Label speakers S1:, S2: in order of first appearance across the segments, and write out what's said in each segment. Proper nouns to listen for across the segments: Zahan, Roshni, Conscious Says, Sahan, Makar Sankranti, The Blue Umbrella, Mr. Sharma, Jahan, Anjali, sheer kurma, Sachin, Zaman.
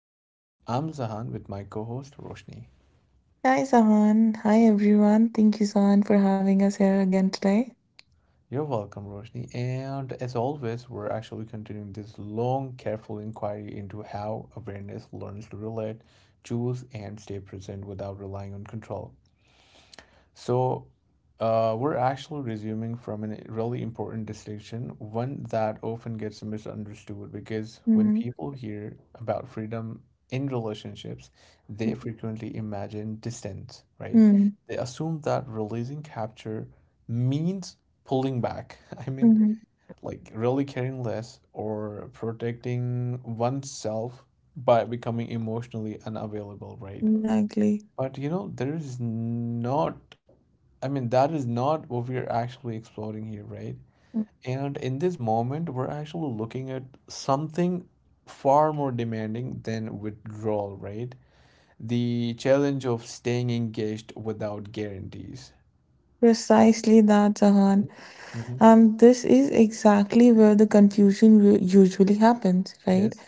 S1: Says. I'm Zahan with my co host, Roshni.
S2: Hi, Sahan. Hi, everyone. Thank you, Sahan, for having us here again today.
S1: You're welcome, Roshni. And as always, we're actually continuing this long, careful inquiry into how awareness learns to relate, choose, and stay present without relying on control. So, we're actually resuming from a really important distinction, one that often gets misunderstood because when
S2: Mm-hmm.
S1: people hear about freedom in relationships, they frequently imagine distance, right? Mhm.
S2: hmm
S1: They assume that releasing capture means pulling back. I mean,
S2: hmm
S1: like, really caring less or protecting oneself by becoming emotionally unavailable, right?
S2: Exactly.
S1: But you know, there is not I mean, that is not what we are actually exploring here, right? And in this moment, we're actually looking at something far more demanding than withdrawal, right? The challenge of staying engaged without guarantees.
S2: Precisely that, Sahan.
S1: Mm-hmm. Hmm.
S2: And this is exactly where the confusion usually happens, right?
S1: Yes,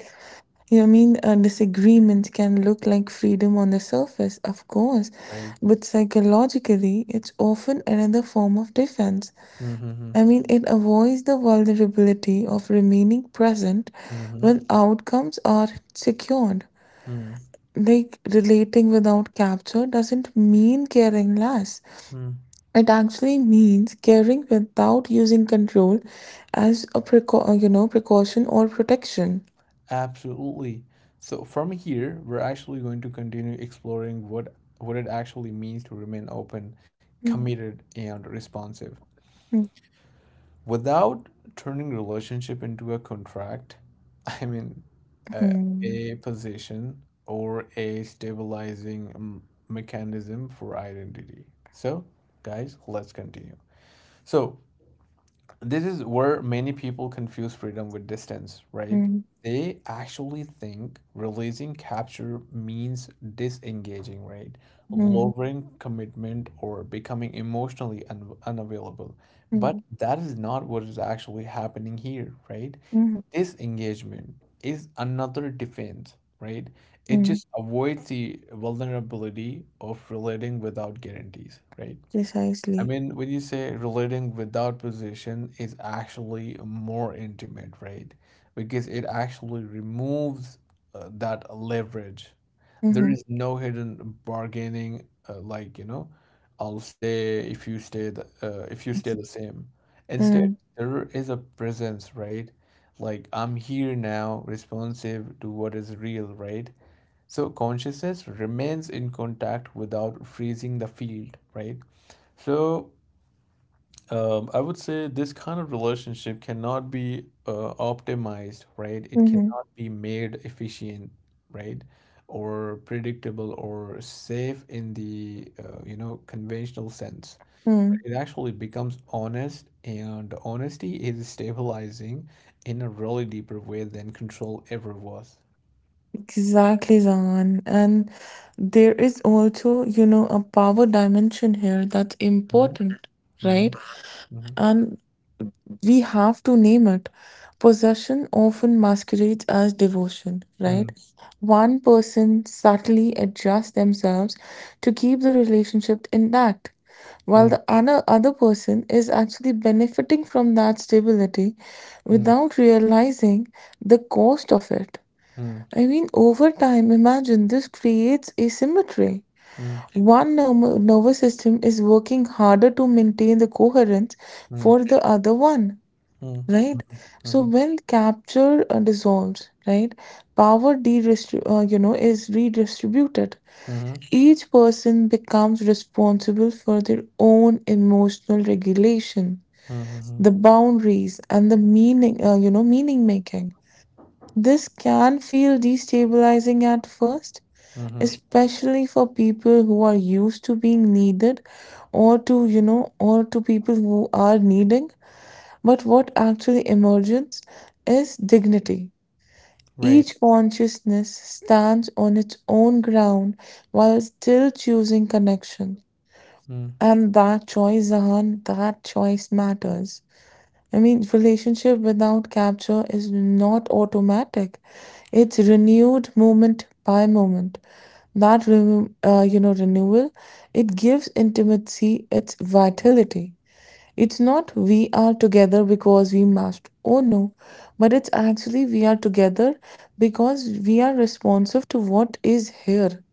S2: A disagreement can look like freedom on the surface, of course,
S1: right.
S2: but psychologically, it's often another form of defense.
S1: Mm-hmm.
S2: I mean, it avoids the vulnerability of remaining present
S1: Mm-hmm.
S2: when outcomes are secured.
S1: Mm-hmm.
S2: Like relating without capture doesn't mean caring less. It actually means caring without using control as a precaution or protection.
S1: Absolutely. So from here, we're actually going to continue exploring what it actually means to remain open, committed, and responsive,
S2: Mm,
S1: without turning relationship into a contract. I mean, a,
S2: mm,
S1: a position or a stabilizing mechanism for identity. So, guys, let's continue. So this is where many people confuse freedom with distance, right?
S2: mm,
S1: They actually think releasing capture means disengaging, right?
S2: mm, mm,
S1: Lowering commitment or becoming emotionally un unavailable. But
S2: mm,
S1: that is not what is actually happening here, right?
S2: mm,
S1: Disengagement is another defense, right? It
S2: mm.
S1: just avoids the vulnerability of relating without guarantees, right? I
S2: Precisely.
S1: mean, when you say relating without position is actually more intimate, right? Because it actually removes, that leverage. There
S2: Mm-hmm.
S1: is no hidden bargaining, like, I'll stay if if you stay the same. Instead,
S2: Mm-hmm.
S1: there is a presence, right? Like, I'm here now, responsive to what is real, right? So consciousness remains in contact without freezing the field, right? So, I would say this kind of relationship cannot be, optimized, right? It
S2: Mm-hmm.
S1: cannot be made efficient, right? Or predictable or safe in the, conventional sense.
S2: Mm-hmm.
S1: But
S2: Mm-hmm.
S1: it actually becomes honest, and honesty is stabilizing in a really deeper way than control ever was.
S2: Exactly, Zaman. And there is also, you know, a power dimension here that's
S1: Mhm,
S2: important, right?
S1: mhm,
S2: And we have to name it. Possession often masquerades as devotion, right?
S1: mhm,
S2: One person subtly adjusts themselves to keep the relationship intact, while
S1: mm,
S2: the other person is actually benefiting from that stability
S1: mm,
S2: without realizing the cost of it.
S1: mm,
S2: I mean, over time, imagine this creates asymmetry.
S1: mm,
S2: One nervous system is working harder to maintain the coherence
S1: mm, mm, mm,
S2: for the other one,
S1: mhm,
S2: right? So
S1: mhm,
S2: when capture dissolves, right, power is redistributed.
S1: mhm,
S2: Each person becomes responsible for their own emotional regulation,
S1: mhm,
S2: the
S1: mhm.
S2: boundaries, and the meaning, meaning making. This can feel destabilizing at first,
S1: Mm-hmm.
S2: especially for people who are used to being needed, or to or to people who are needing, but what actually emerges is dignity.
S1: Right.
S2: Each consciousness stands on its own ground while still choosing connection,
S1: Mm.
S2: and that choice, Zahan, that choice matters. I mean, relationship without capture is not automatic. It's renewed moment by moment. That renewal, it gives intimacy its vitality. It's not we are together because we must. Oh no, but it's actually we are together because we are responsive to what is here.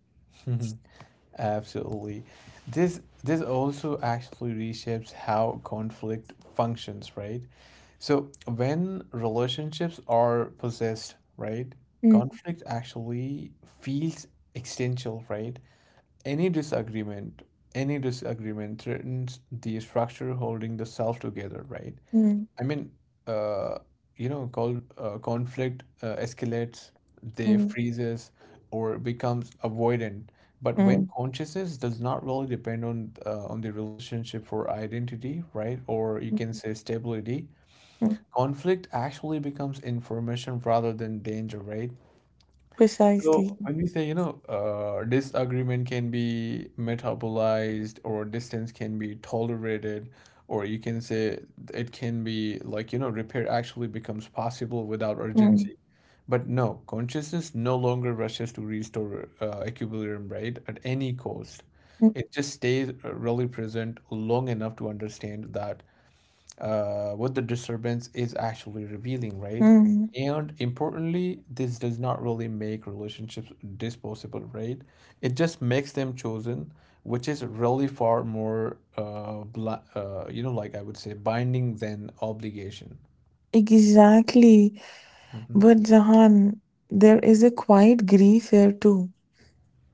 S1: Absolutely. This also actually reshapes how conflict functions, right? So when relationships are possessed, right,
S2: Mm,
S1: conflict actually feels existential, right? Any disagreement, any disagreement threatens the structure holding the self together, right?
S2: mm,
S1: I mean, uh, called, conflict, escalates, they
S2: mm,
S1: freezes, or becomes avoidant. But when
S2: mm,
S1: consciousness does not really depend on the relationship for identity, right, or you
S2: mm,
S1: can say stability,
S2: mm.
S1: conflict actually becomes information rather than danger, right?
S2: Precisely.
S1: So when we say, disagreement can be metabolized or distance can be tolerated, or you can say it can be, like, repair actually becomes possible without
S2: Mm,
S1: urgency. But no, consciousness no longer rushes to restore, equilibrium, right, at any cost.
S2: mm,
S1: It just stays, really present long enough to understand that, what the disturbance is actually revealing, right?
S2: mm.
S1: And importantly, this does not really make relationships disposable, right? It just makes them chosen, which is really far more, bla like, I would say, binding than obligation.
S2: Exactly.
S1: Mm-hmm.
S2: But Jahan, there is a quiet grief here too.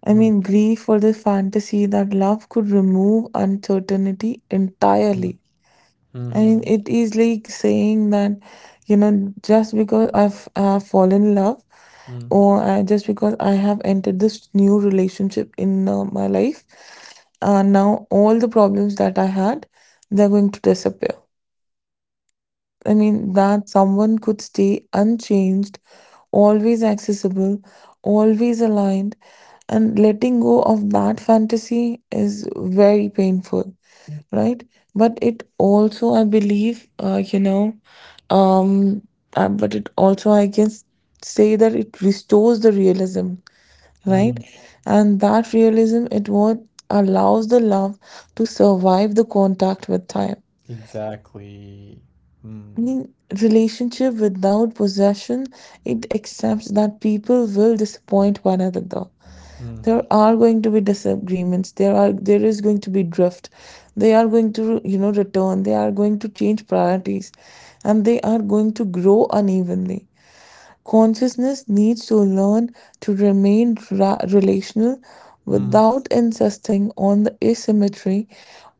S2: I mean, grief for the fantasy that love could remove uncertainty
S1: Mm-hmm.
S2: entirely. I mean,
S1: Mm-hmm.
S2: it is like saying that, you know, just because I've fallen in love,
S1: Mm,
S2: or just because I have entered this new relationship in my life, now all the problems that I had, they're going to disappear. I mean, that someone could stay unchanged, always accessible, always aligned, and letting go of that fantasy is very painful, right? But it also, I believe, um but it also I can say that it restores the realism, right?
S1: mm.
S2: And that realism, it what allows the love to survive the contact with time.
S1: Exactly. Mm.
S2: Mean, relationship without possession, it accepts that people will disappoint one another.
S1: Mm.
S2: There are going to be disagreements. There is going to be drift. They are going to, you know, return. They are going to change priorities, and they are going to grow unevenly. Consciousness needs to learn to remain relational
S1: Mm.
S2: without insisting on the asymmetry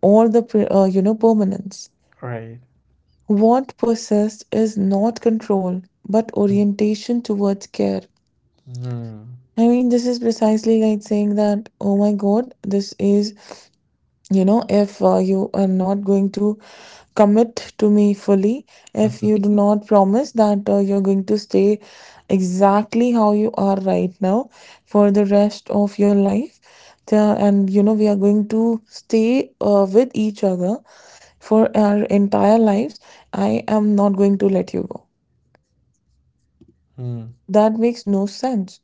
S2: or the, permanence.
S1: Right.
S2: What persists is not control, but
S1: Mm.
S2: orientation towards care.
S1: Mm.
S2: I mean, this is precisely like saying that, oh my God, this is, you know, if you are not going to commit to me fully, if
S1: Mm-hmm.
S2: you do not promise that you're going to stay exactly how you are right now for the rest of your life, and, you know, we are going to stay with each other for our entire lives, I am not going to let you go.
S1: Mm.
S2: That makes no sense,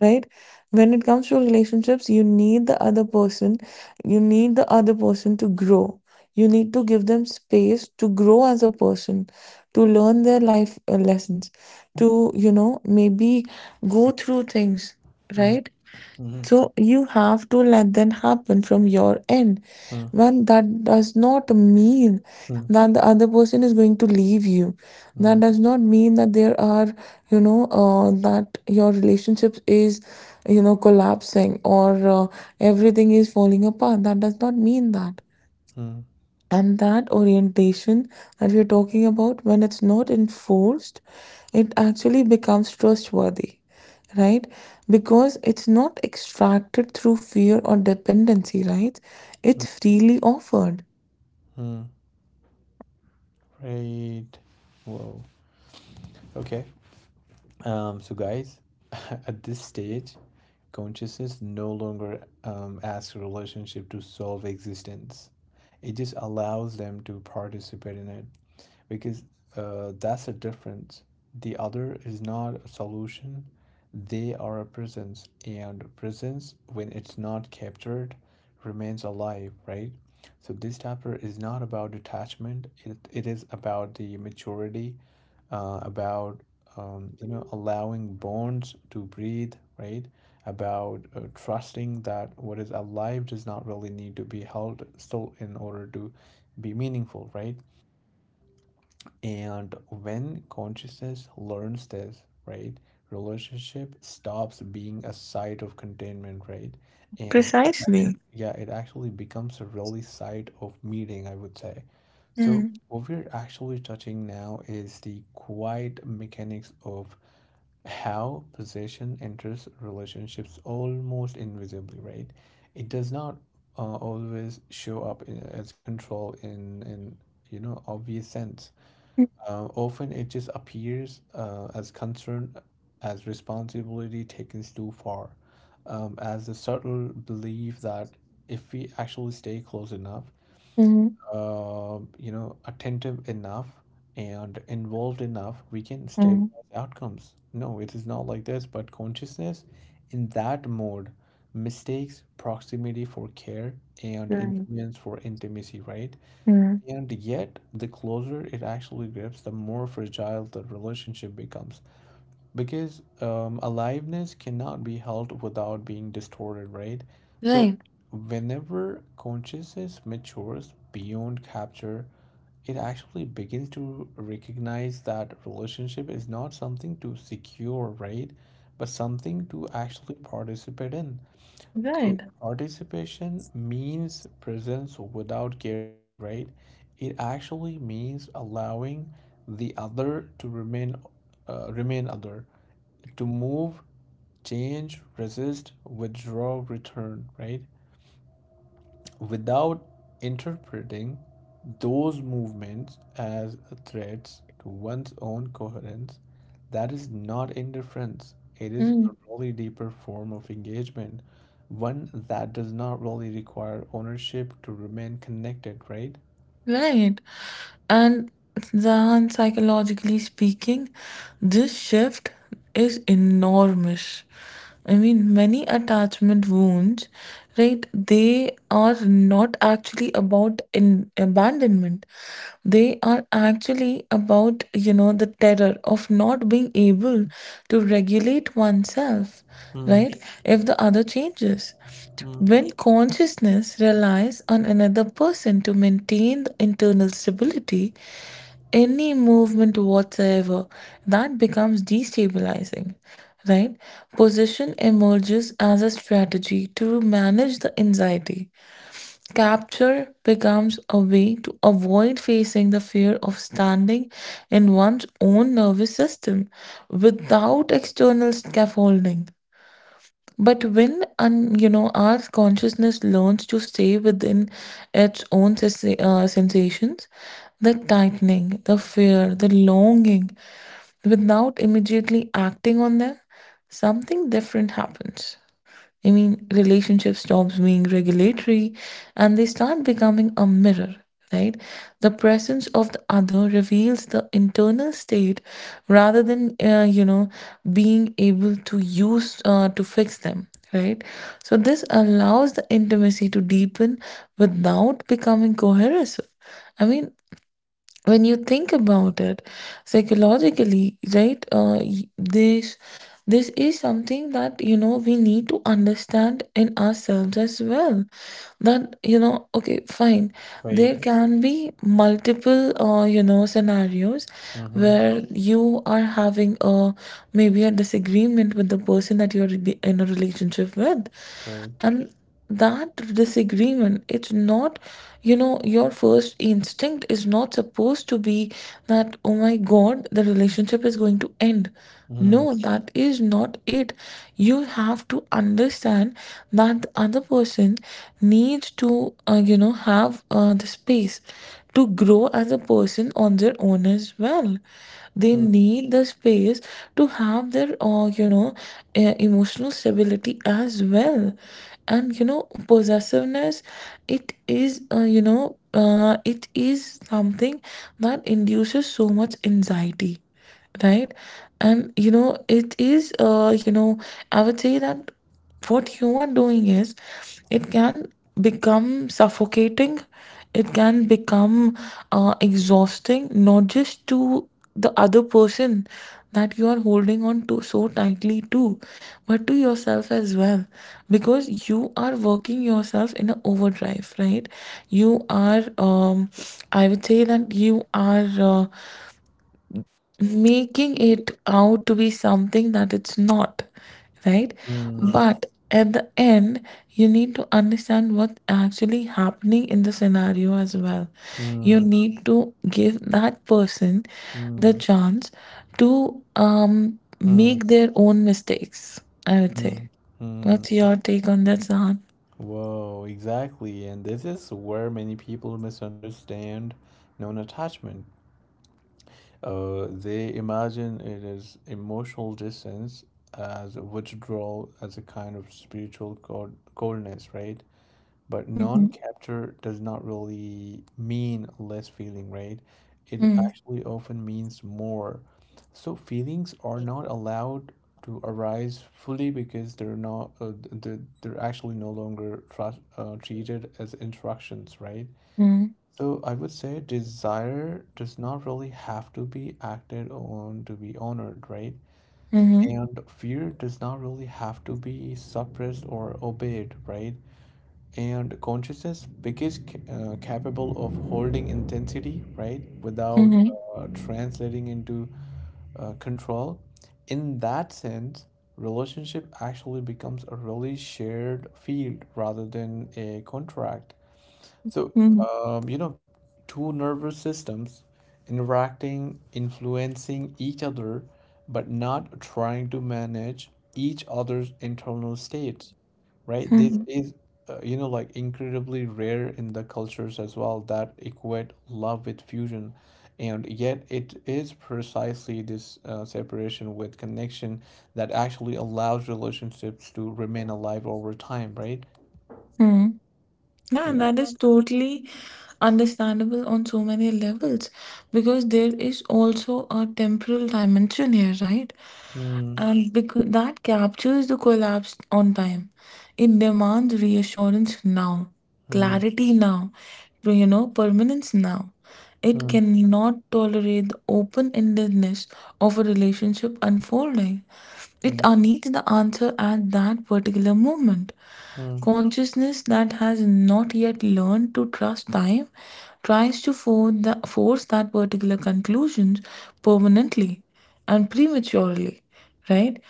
S2: right? When it comes to relationships, you need the other person. You need the other person to grow. You need to give them space to grow as a person, to learn their life lessons, to, you know, maybe go through things, right?
S1: Mm.
S2: So you have to let that happen from your end.
S1: Mm.
S2: When That does not mean
S1: Mm.
S2: that the other person is going to leave you. That
S1: Mm.
S2: does not mean that there are, you know, that your relationship is, you know, collapsing or everything is falling apart. That does not mean that.
S1: Hmm.
S2: And that orientation that we're talking about, when it's not enforced, it actually becomes trustworthy, right? Because it's not extracted through fear or dependency, right?
S1: Hmm.
S2: It's freely offered.
S1: Hmm. Right. Whoa. Okay. So, guys, at this stage, consciousness no longer, asks a relationship to solve existence. It just allows them to participate in it, because, that's a difference. The other is not a solution, they are a presence, and presence, when it's not captured, remains alive, right? So, this chapter is not about detachment, it is about the maturity, about, allowing bonds to breathe, right? About, trusting that what is alive does not really need to be held still in order to be meaningful, right? And when consciousness learns this, right, relationship stops being a site of containment, right? And it actually,
S2: Precisely.
S1: yeah, it actually becomes a really site of meeting, I would say. So
S2: Mm.
S1: what we're actually touching now is the quiet mechanics of how possession enters relationships almost invisibly, right? It does not, always show up as control in obvious sense. Often it just appears, as concern, as responsibility taken too far, as a subtle belief that if we actually stay close enough,
S2: Mm.
S1: attentive enough and involved enough, we can
S2: Mm.
S1: stabilize outcomes. No, it is not like this, but consciousness in that mode mistakes proximity for care and influence for intimacy, right?
S2: Mm. Right. Mm.
S1: And yet, the closer it actually grips, the more fragile the relationship becomes. Because, aliveness cannot be held without being distorted, right? So,
S2: Right.
S1: whenever consciousness matures beyond capture, it actually begins to recognize that relationship is not something to secure, right? But something to actually participate in. So
S2: Right.
S1: participation means presence without guarantee, right? It actually means allowing the other to remain, remain other, to move, change, resist, withdraw, return, right? Without interpreting those movements as threats to one's own coherence. That is not indifference, it is
S2: Mm.
S1: a really deeper form of engagement, one that does not really require ownership to remain connected, right?
S2: Right. And Zahan, psychologically speaking, this shift is enormous. I mean, many attachment wounds, right? They are not actually about in abandonment. They are actually about, you know, the terror of not being able to regulate oneself,
S1: Mm,
S2: right? If the other changes.
S1: mm,
S2: When consciousness relies on another person to maintain the internal stability, any movement whatsoever, that becomes destabilizing, right? Position emerges as a strategy to manage the anxiety. Capture becomes a way to avoid facing the fear of standing in one's own nervous system without external scaffolding. But when un, you know our consciousness learns to stay within its own sensations, the tightening, the fear, the longing, without immediately acting on them, something different happens. I mean, relationship stops being regulatory and they start becoming a mirror, right? The presence of the other reveals the internal state rather than, being able to use to fix them, right? So, this allows the intimacy to deepen without becoming coercive. I mean, when you think about it psychologically, right, this this is something that you know we need to understand in ourselves as well, that you know, okay, fine,
S1: right.
S2: there can be multiple you know scenarios
S1: Mm-hmm.
S2: where you are having a maybe a disagreement with the person that in a relationship with,
S1: Right.
S2: and that disagreement, it's not, you know, your first instinct is not supposed to be that, oh my god, the relationship is going to end.
S1: Mm,
S2: No, that is not it. You have to understand that the other person needs to, have the space to grow as a person on their own as well. They
S1: mm,
S2: need the space to have their emotional stability as well. And you know, possessiveness, it is, it is something that induces so much anxiety, right? And you know, it is, I would say that what you are doing is, it can become suffocating. It can become exhausting, not just to the other person that you are holding on to so tightly to, but to yourself as well, because you are working yourself in an overdrive, right? you are I would say that you are, making it out to be something that it's not, right?
S1: mm,
S2: But at the end, you need to understand what's actually happening in the scenario as well. You
S1: mm,
S2: need to give that person the
S1: mm,
S2: chance to
S1: mm,
S2: make their own mistakes, I would say.
S1: mm, mm.
S2: What's your take on that, Zahan?
S1: Whoa, exactly. And this is where many people misunderstand non attachment. They imagine it is emotional distance as withdrawal, as a kind of spiritual coldness, right? But
S2: Mhm,
S1: non-capture does not really mean less feeling, right? It
S2: mhm,
S1: actually often means more. So feelings are not allowed to arise fully because they're not, they're actually no longer treated as instructions, right?
S2: mhm,
S1: So I would say desire does not really have to be acted on to be honored, right?
S2: mhm,
S1: And fear does not really have to be suppressed or obeyed, right? And consciousness because capable of holding intensity, right, without,
S2: mhm,
S1: translating into, control. In that sense relationship actually becomes a really shared field rather than a contract. So,
S2: mhm,
S1: um, you know two nervous systems interacting, influencing each other, but not trying to manage each other's internal states, right? This
S2: mhm,
S1: is, like, incredibly rare in the cultures as well that equate love with fusion. And yet, it is precisely this, separation with connection that actually allows relationships to remain alive over time, right?
S2: mhm. Yeah,
S1: Yeah.
S2: that
S1: Yeah,
S2: is totally understandable on so many levels because there is also a temporal dimension here, right?
S1: man.
S2: And because that captures the collapse on time. It demands reassurance now,
S1: Hmm. Hmm.
S2: clarity now, to, you know, permanence now. It
S1: Hmm.
S2: cannot tolerate the open endedness of a relationship unfolding.
S1: Hmm.
S2: It needs the answer at that particular moment.
S1: Hmm.
S2: Consciousness that has not yet learned to trust time tries to force that particular conclusions permanently and prematurely, right?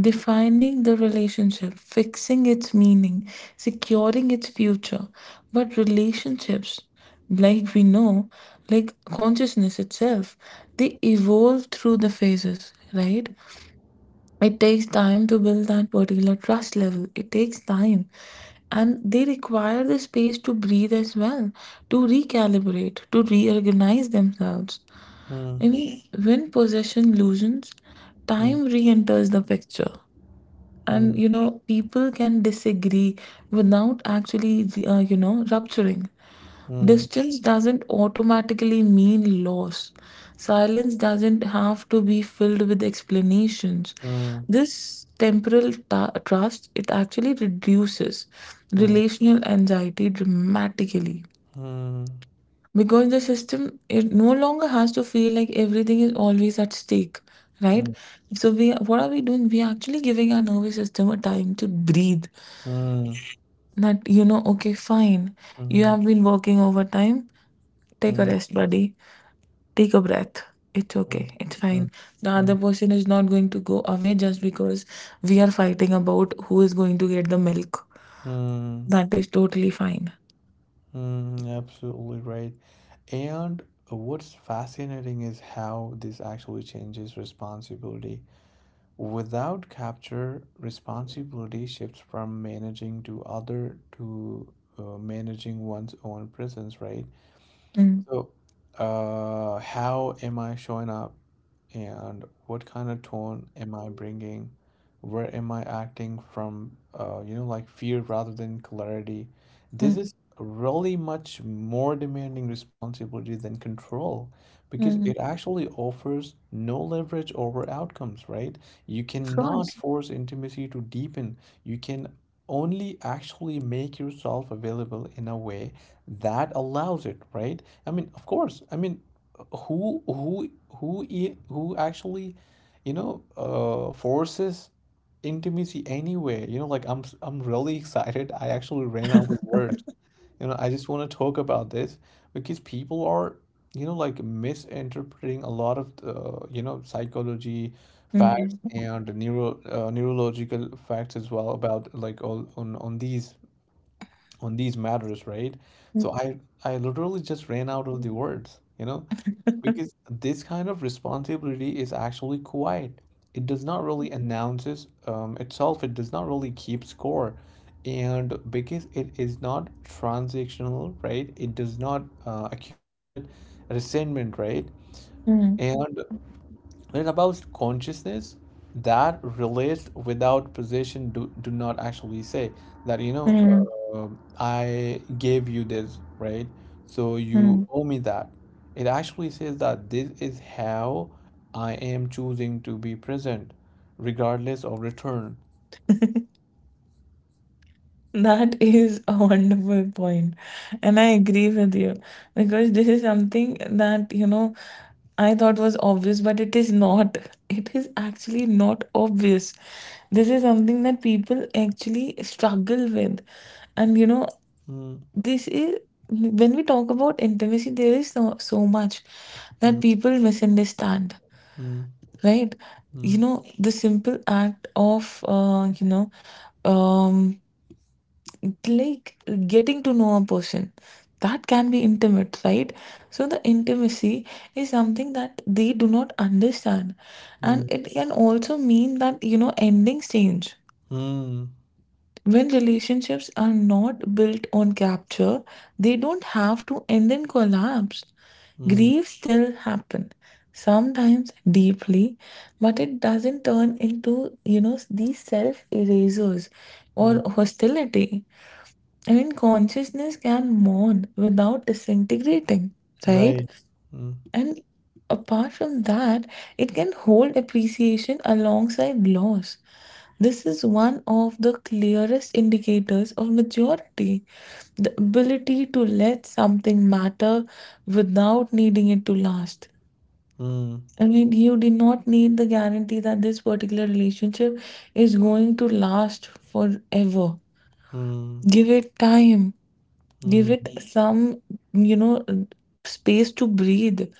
S2: Defining the relationship, fixing its meaning, securing its future. But relationships, like we know, like consciousness itself, they evolve through the phases, right? It takes time to build that particular trust level. It takes time. And they require the space to breathe as well, to recalibrate, to reorganize themselves.
S1: Hmm.
S2: I mean, when possession loosens,
S1: Hmm. Hmm.
S2: time re enters the picture. And
S1: Hmm.
S2: you know, people can disagree without actually, rupturing. Distance doesn't automatically mean loss. Silence doesn't have to be filled with explanations.
S1: Hmm.
S2: This temporal trust, it actually reduces
S1: Hmm. Hmm. Hmm. Hmm.
S2: relational anxiety dramatically, because the system, it no longer has to feel like everything is always at stake, right? So we, what are we doing? We are actually giving our nervous system a time to breathe, that you know, okay, fine, you
S1: Hmm.
S2: have been working overtime, take a
S1: Hmm.
S2: rest, buddy. Take a breath. It's okay. It's
S1: Hmm.
S2: fine. The
S1: Hmm.
S2: other person is not going to go away just because we are fighting about who is going to get the milk.
S1: Hmm.
S2: That is totally fine.
S1: Mm, absolutely right. And what's fascinating is how this actually changes responsibility. Without capture, responsibility shifts from managing to other to, managing one's own presence, right?
S2: Mm,
S1: So, how am I showing up? And what kind of tone am I bringing? Where am I acting from, like, fear rather than clarity? This
S2: mm,
S1: is really much more demanding responsibility than control because it
S2: mm.
S1: actually offers no leverage over outcomes, right? You
S2: Of
S1: cannot
S2: course.
S1: force intimacy to deepen. You can only actually make yourself available in a way that allows it, right? I mean, of course, who who who actually, forces intimacy anyway, like, I'm really excited. I actually ran out of words, I just want to talk about this because people are, like, misinterpreting a lot of the, psychology facts
S2: Mm,
S1: and neurological facts as well, about like all on these matters, right?
S2: mm,
S1: So I literally just ran out of the words, because this kind of responsibility is actually quiet. It does not really announces, itself. It does not really keep score, and because it is not transactional, right? It does not, accumulate resentment, right?
S2: mm,
S1: And it's about consciousness that relates without possession do not actually say that,
S2: mm,
S1: uh, I gave you this, right? So you
S2: mm.
S1: owe me that. It actually says that this is how I am choosing to be present, regardless of return.
S2: That is a wonderful point, and I agree with you, because this is something that you know I thought was obvious, but it is not. It is actually not obvious. This is something that people actually struggle with. And you know,
S1: Mm,
S2: this is, when we talk about intimacy, there is so, so much
S1: mm,
S2: that people misunderstand,
S1: mm,
S2: right?
S1: mm,
S2: The simple act of, um, like getting to know a person, that can be intimate, right? So the intimacy is something that they do not understand, and it can also mean that you know endings change.
S1: mm, mm,
S2: When relationships are not built on capture, they don't have to end in collapse.
S1: mm,
S2: Grief still happen, sometimes deeply, but it doesn't turn into these self erasers
S1: mm,
S2: or hostility. I mean, consciousness can mourn without disintegrating, right?
S1: right. Mm,
S2: And apart from that, it can hold appreciation alongside loss. This is one of the clearest indicators of maturity, the ability to let something matter without needing it to last.
S1: mm,
S2: I mean, you did not need the guarantee that this particular relationship is going to last forever.
S1: mm,
S2: Give it time, give
S1: mm,
S2: it some, you know, space to breathe.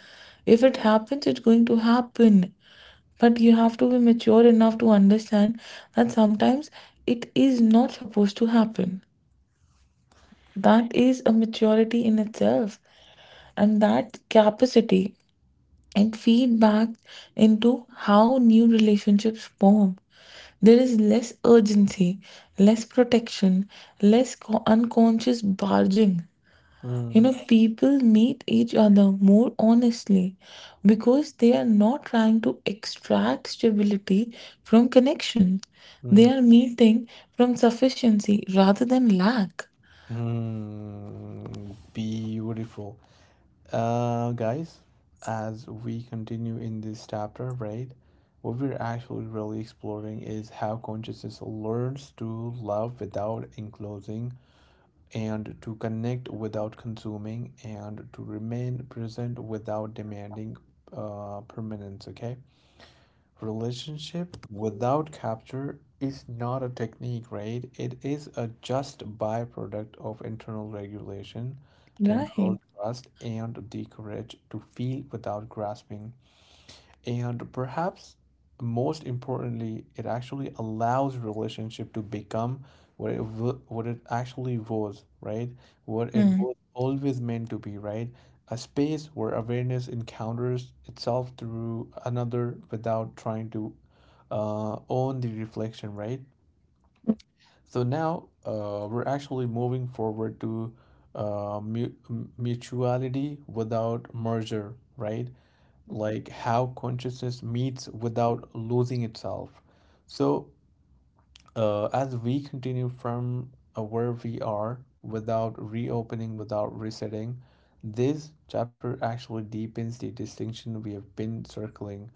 S2: If it happens, it's going to happen, but you have to be mature enough to understand that sometimes it is not supposed to happen. That is a maturity in itself, and that capacity and feedback into how new relationships form. There is less urgency, less protection, less unconscious barging. You
S1: mm,
S2: know, people meet each other more honestly because they are not trying to extract stability from connection. They
S1: mm.
S2: are meeting from sufficiency rather than lack.
S1: Mm, beautiful. Guys, as we continue in this chapter, right, what we're actually really exploring is how consciousness learns to love without enclosing, and to connect without consuming, and to remain present without demanding, permanence, okay? Relationship without capture is not a technique, right? It is a just byproduct of internal regulation,
S2: Right.
S1: temporal trust, and the courage to feel without grasping. And perhaps most importantly, it actually allows relationship to become what it actually was, right? What it
S2: Hmm.
S1: was always meant to be, right? A space where awareness encounters itself through another without trying to, own the reflection, right? So now, we're actually moving forward to, mutuality without merger, right? Like, how consciousness meets without losing itself. So, as we continue from, where we are, without reopening, without resetting, this chapter actually deepens the distinction we have been circling.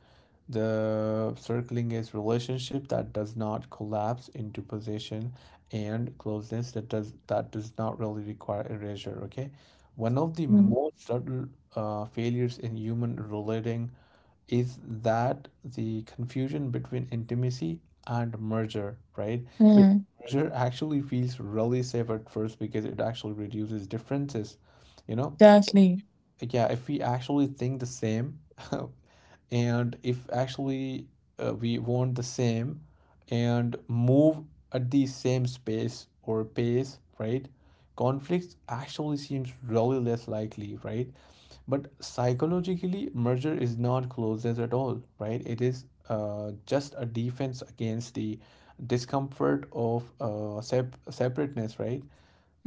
S1: The circling is relationship that does not collapse into possession and closeness that does not really require erasure. Okay, one of the
S2: Hmm.
S1: most subtle, failures in human relating is that the confusion between intimacy and merger, right? Because
S2: Mm,
S1: merger actually feels really safe at first because it actually reduces differences, you know,
S2: exactly.
S1: yeah, if we actually think the same, and if actually, we want the same and move at the same space or pace, right? Conflicts actually seems really less likely, right? But psychologically, merger is not closeness at all, right? It is, just a defense against the discomfort of, separateness, right?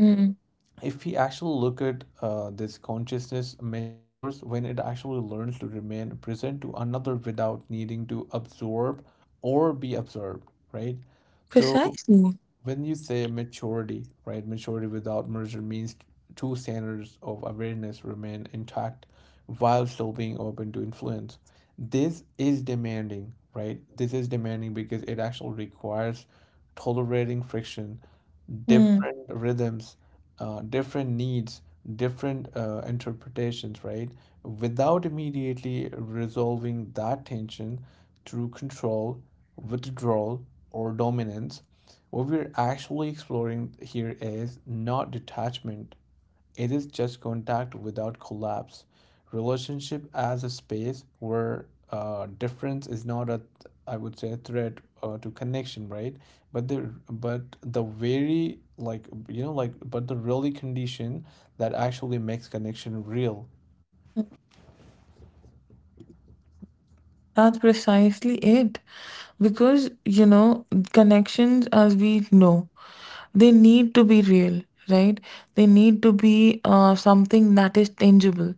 S2: Hmm.
S1: If we actually look at, this consciousness matures when it actually learns to remain present to another without needing to absorb or be absorbed, right? So
S2: Precisely.
S1: when you say maturity, right? Maturity without merger means two standards of awareness remain intact while still being open to influence. This is demanding, right? This is demanding because it actually requires tolerating friction,
S2: Hmm.
S1: different rhythms, different needs, different, interpretations, right? Without immediately resolving that tension through control, withdrawal, or dominance, what we're actually exploring here is not detachment, it is just contact without collapse. Relationship as a space where, difference is not a, I would say, a threat, to connection, right? But the, very, like, like, but the really condition that actually makes connection real.
S2: That's precisely it. Because, you know, connections, as we know, they need to be real, right? They need to be something that is tangible.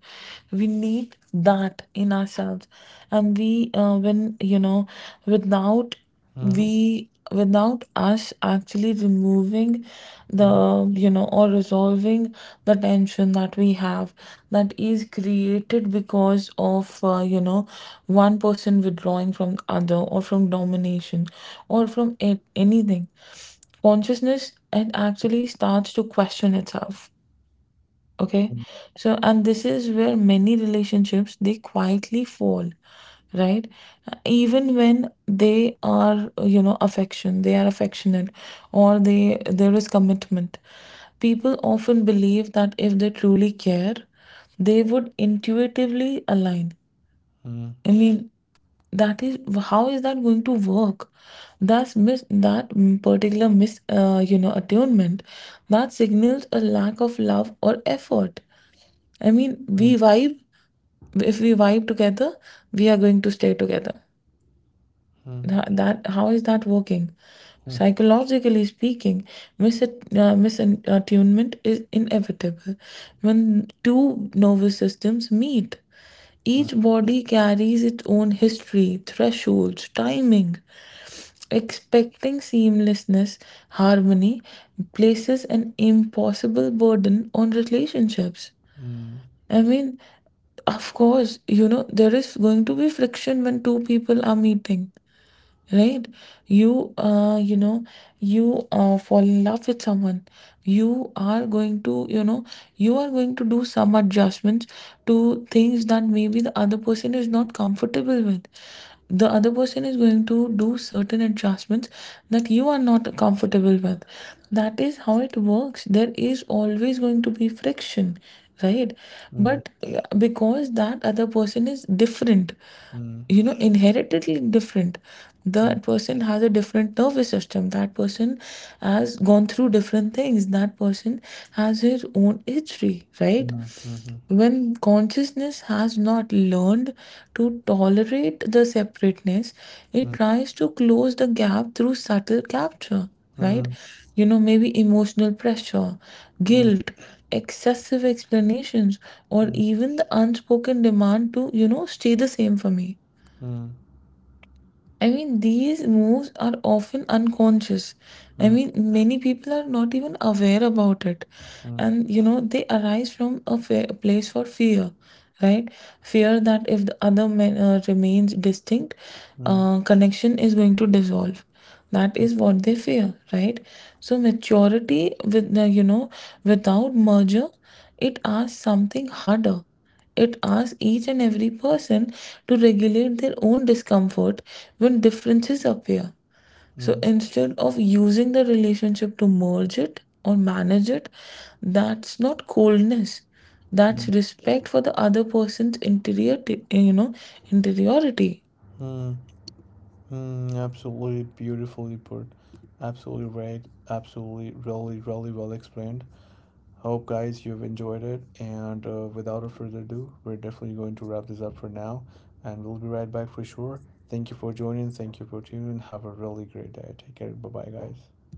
S2: We need that in ourselves, and we when you know without
S1: Mhm,
S2: we without us actually removing
S1: mhm,
S2: the, or resolving the tension that we have, that is created because of, one person withdrawing from the other, or from domination, or from it, anything. Consciousness, it actually starts to question itself, okay?
S1: mhm,
S2: So, and this is where many relationships, they quietly fall, right? Even when they are, you know affection they are affectionate, or they there is commitment, people often believe that if they truly care, they would intuitively align.
S1: mhm,
S2: I mean, that is, how is that going to work? Thus, particular mis you know, attunement, that signals a lack of love or effort. I mean, we
S1: mhm,
S2: vibe, if we vibe together, we are going to stay together.
S1: mhm,
S2: That, how is that working, psychologically speaking? Misattunement is inevitable. When two nervous systems meet, each body carries its own history, thresholds, timing. Expecting seamlessness, harmony, places an impossible burden on relationships.
S1: mhm,
S2: I mean, of course, you know, there is going to be friction when two people are meeting, right? You uh you know you uh fall in love with someone, you are going to, you are going to do some adjustments to things that maybe the other person is not comfortable with. The other person is going to do certain adjustments that you are not comfortable with. That is how it works. There is always going to be friction, right?
S1: mhm,
S2: But because that other person is different,
S1: mhm,
S2: you know, inherently different. That person has a different nervous system, that person has gone through different things, that person has his own history, right?
S1: mhm, mhm,
S2: When consciousness has not learned to tolerate the separateness, it
S1: mhm,
S2: tries to close the gap through subtle capture, right?
S1: mhm.
S2: You know, maybe emotional pressure,
S1: Mm,
S2: guilt, excessive explanations, or
S1: mm,
S2: even the unspoken demand to, you know, stay the same for me.
S1: mm,
S2: I mean, these moves are often unconscious. I
S1: mm,
S2: mean, many people are not even aware about it.
S1: mm, mm,
S2: And, you know, they arise from a a place for fear, right? Fear that if the other man, remains distinct,
S1: mm,
S2: connection is going to dissolve. That
S1: mm,
S2: is what they fear, right? So, maturity, without merger, it asks something harder. It asks each and every person to regulate their own discomfort when differences appear.
S1: mm, mm,
S2: So
S1: mm.
S2: instead of using the relationship to merge it or manage it, that's not coldness.
S1: Mm, mm, mm, mm, mm, mm, mm, mm, mm, mm,
S2: That's
S1: mm,
S2: respect for the other person's you know, interiority.
S1: mm, mm. Absolutely beautifully put. Absolutely right. Absolutely, really, really well explained. Hope, guys, you've enjoyed it. And, without a further ado, we're definitely going to wrap this up for now. And we'll be right back for sure. Thank you for joining. Thank you for tuning in. Have a really great day. Take care. Bye bye, guys.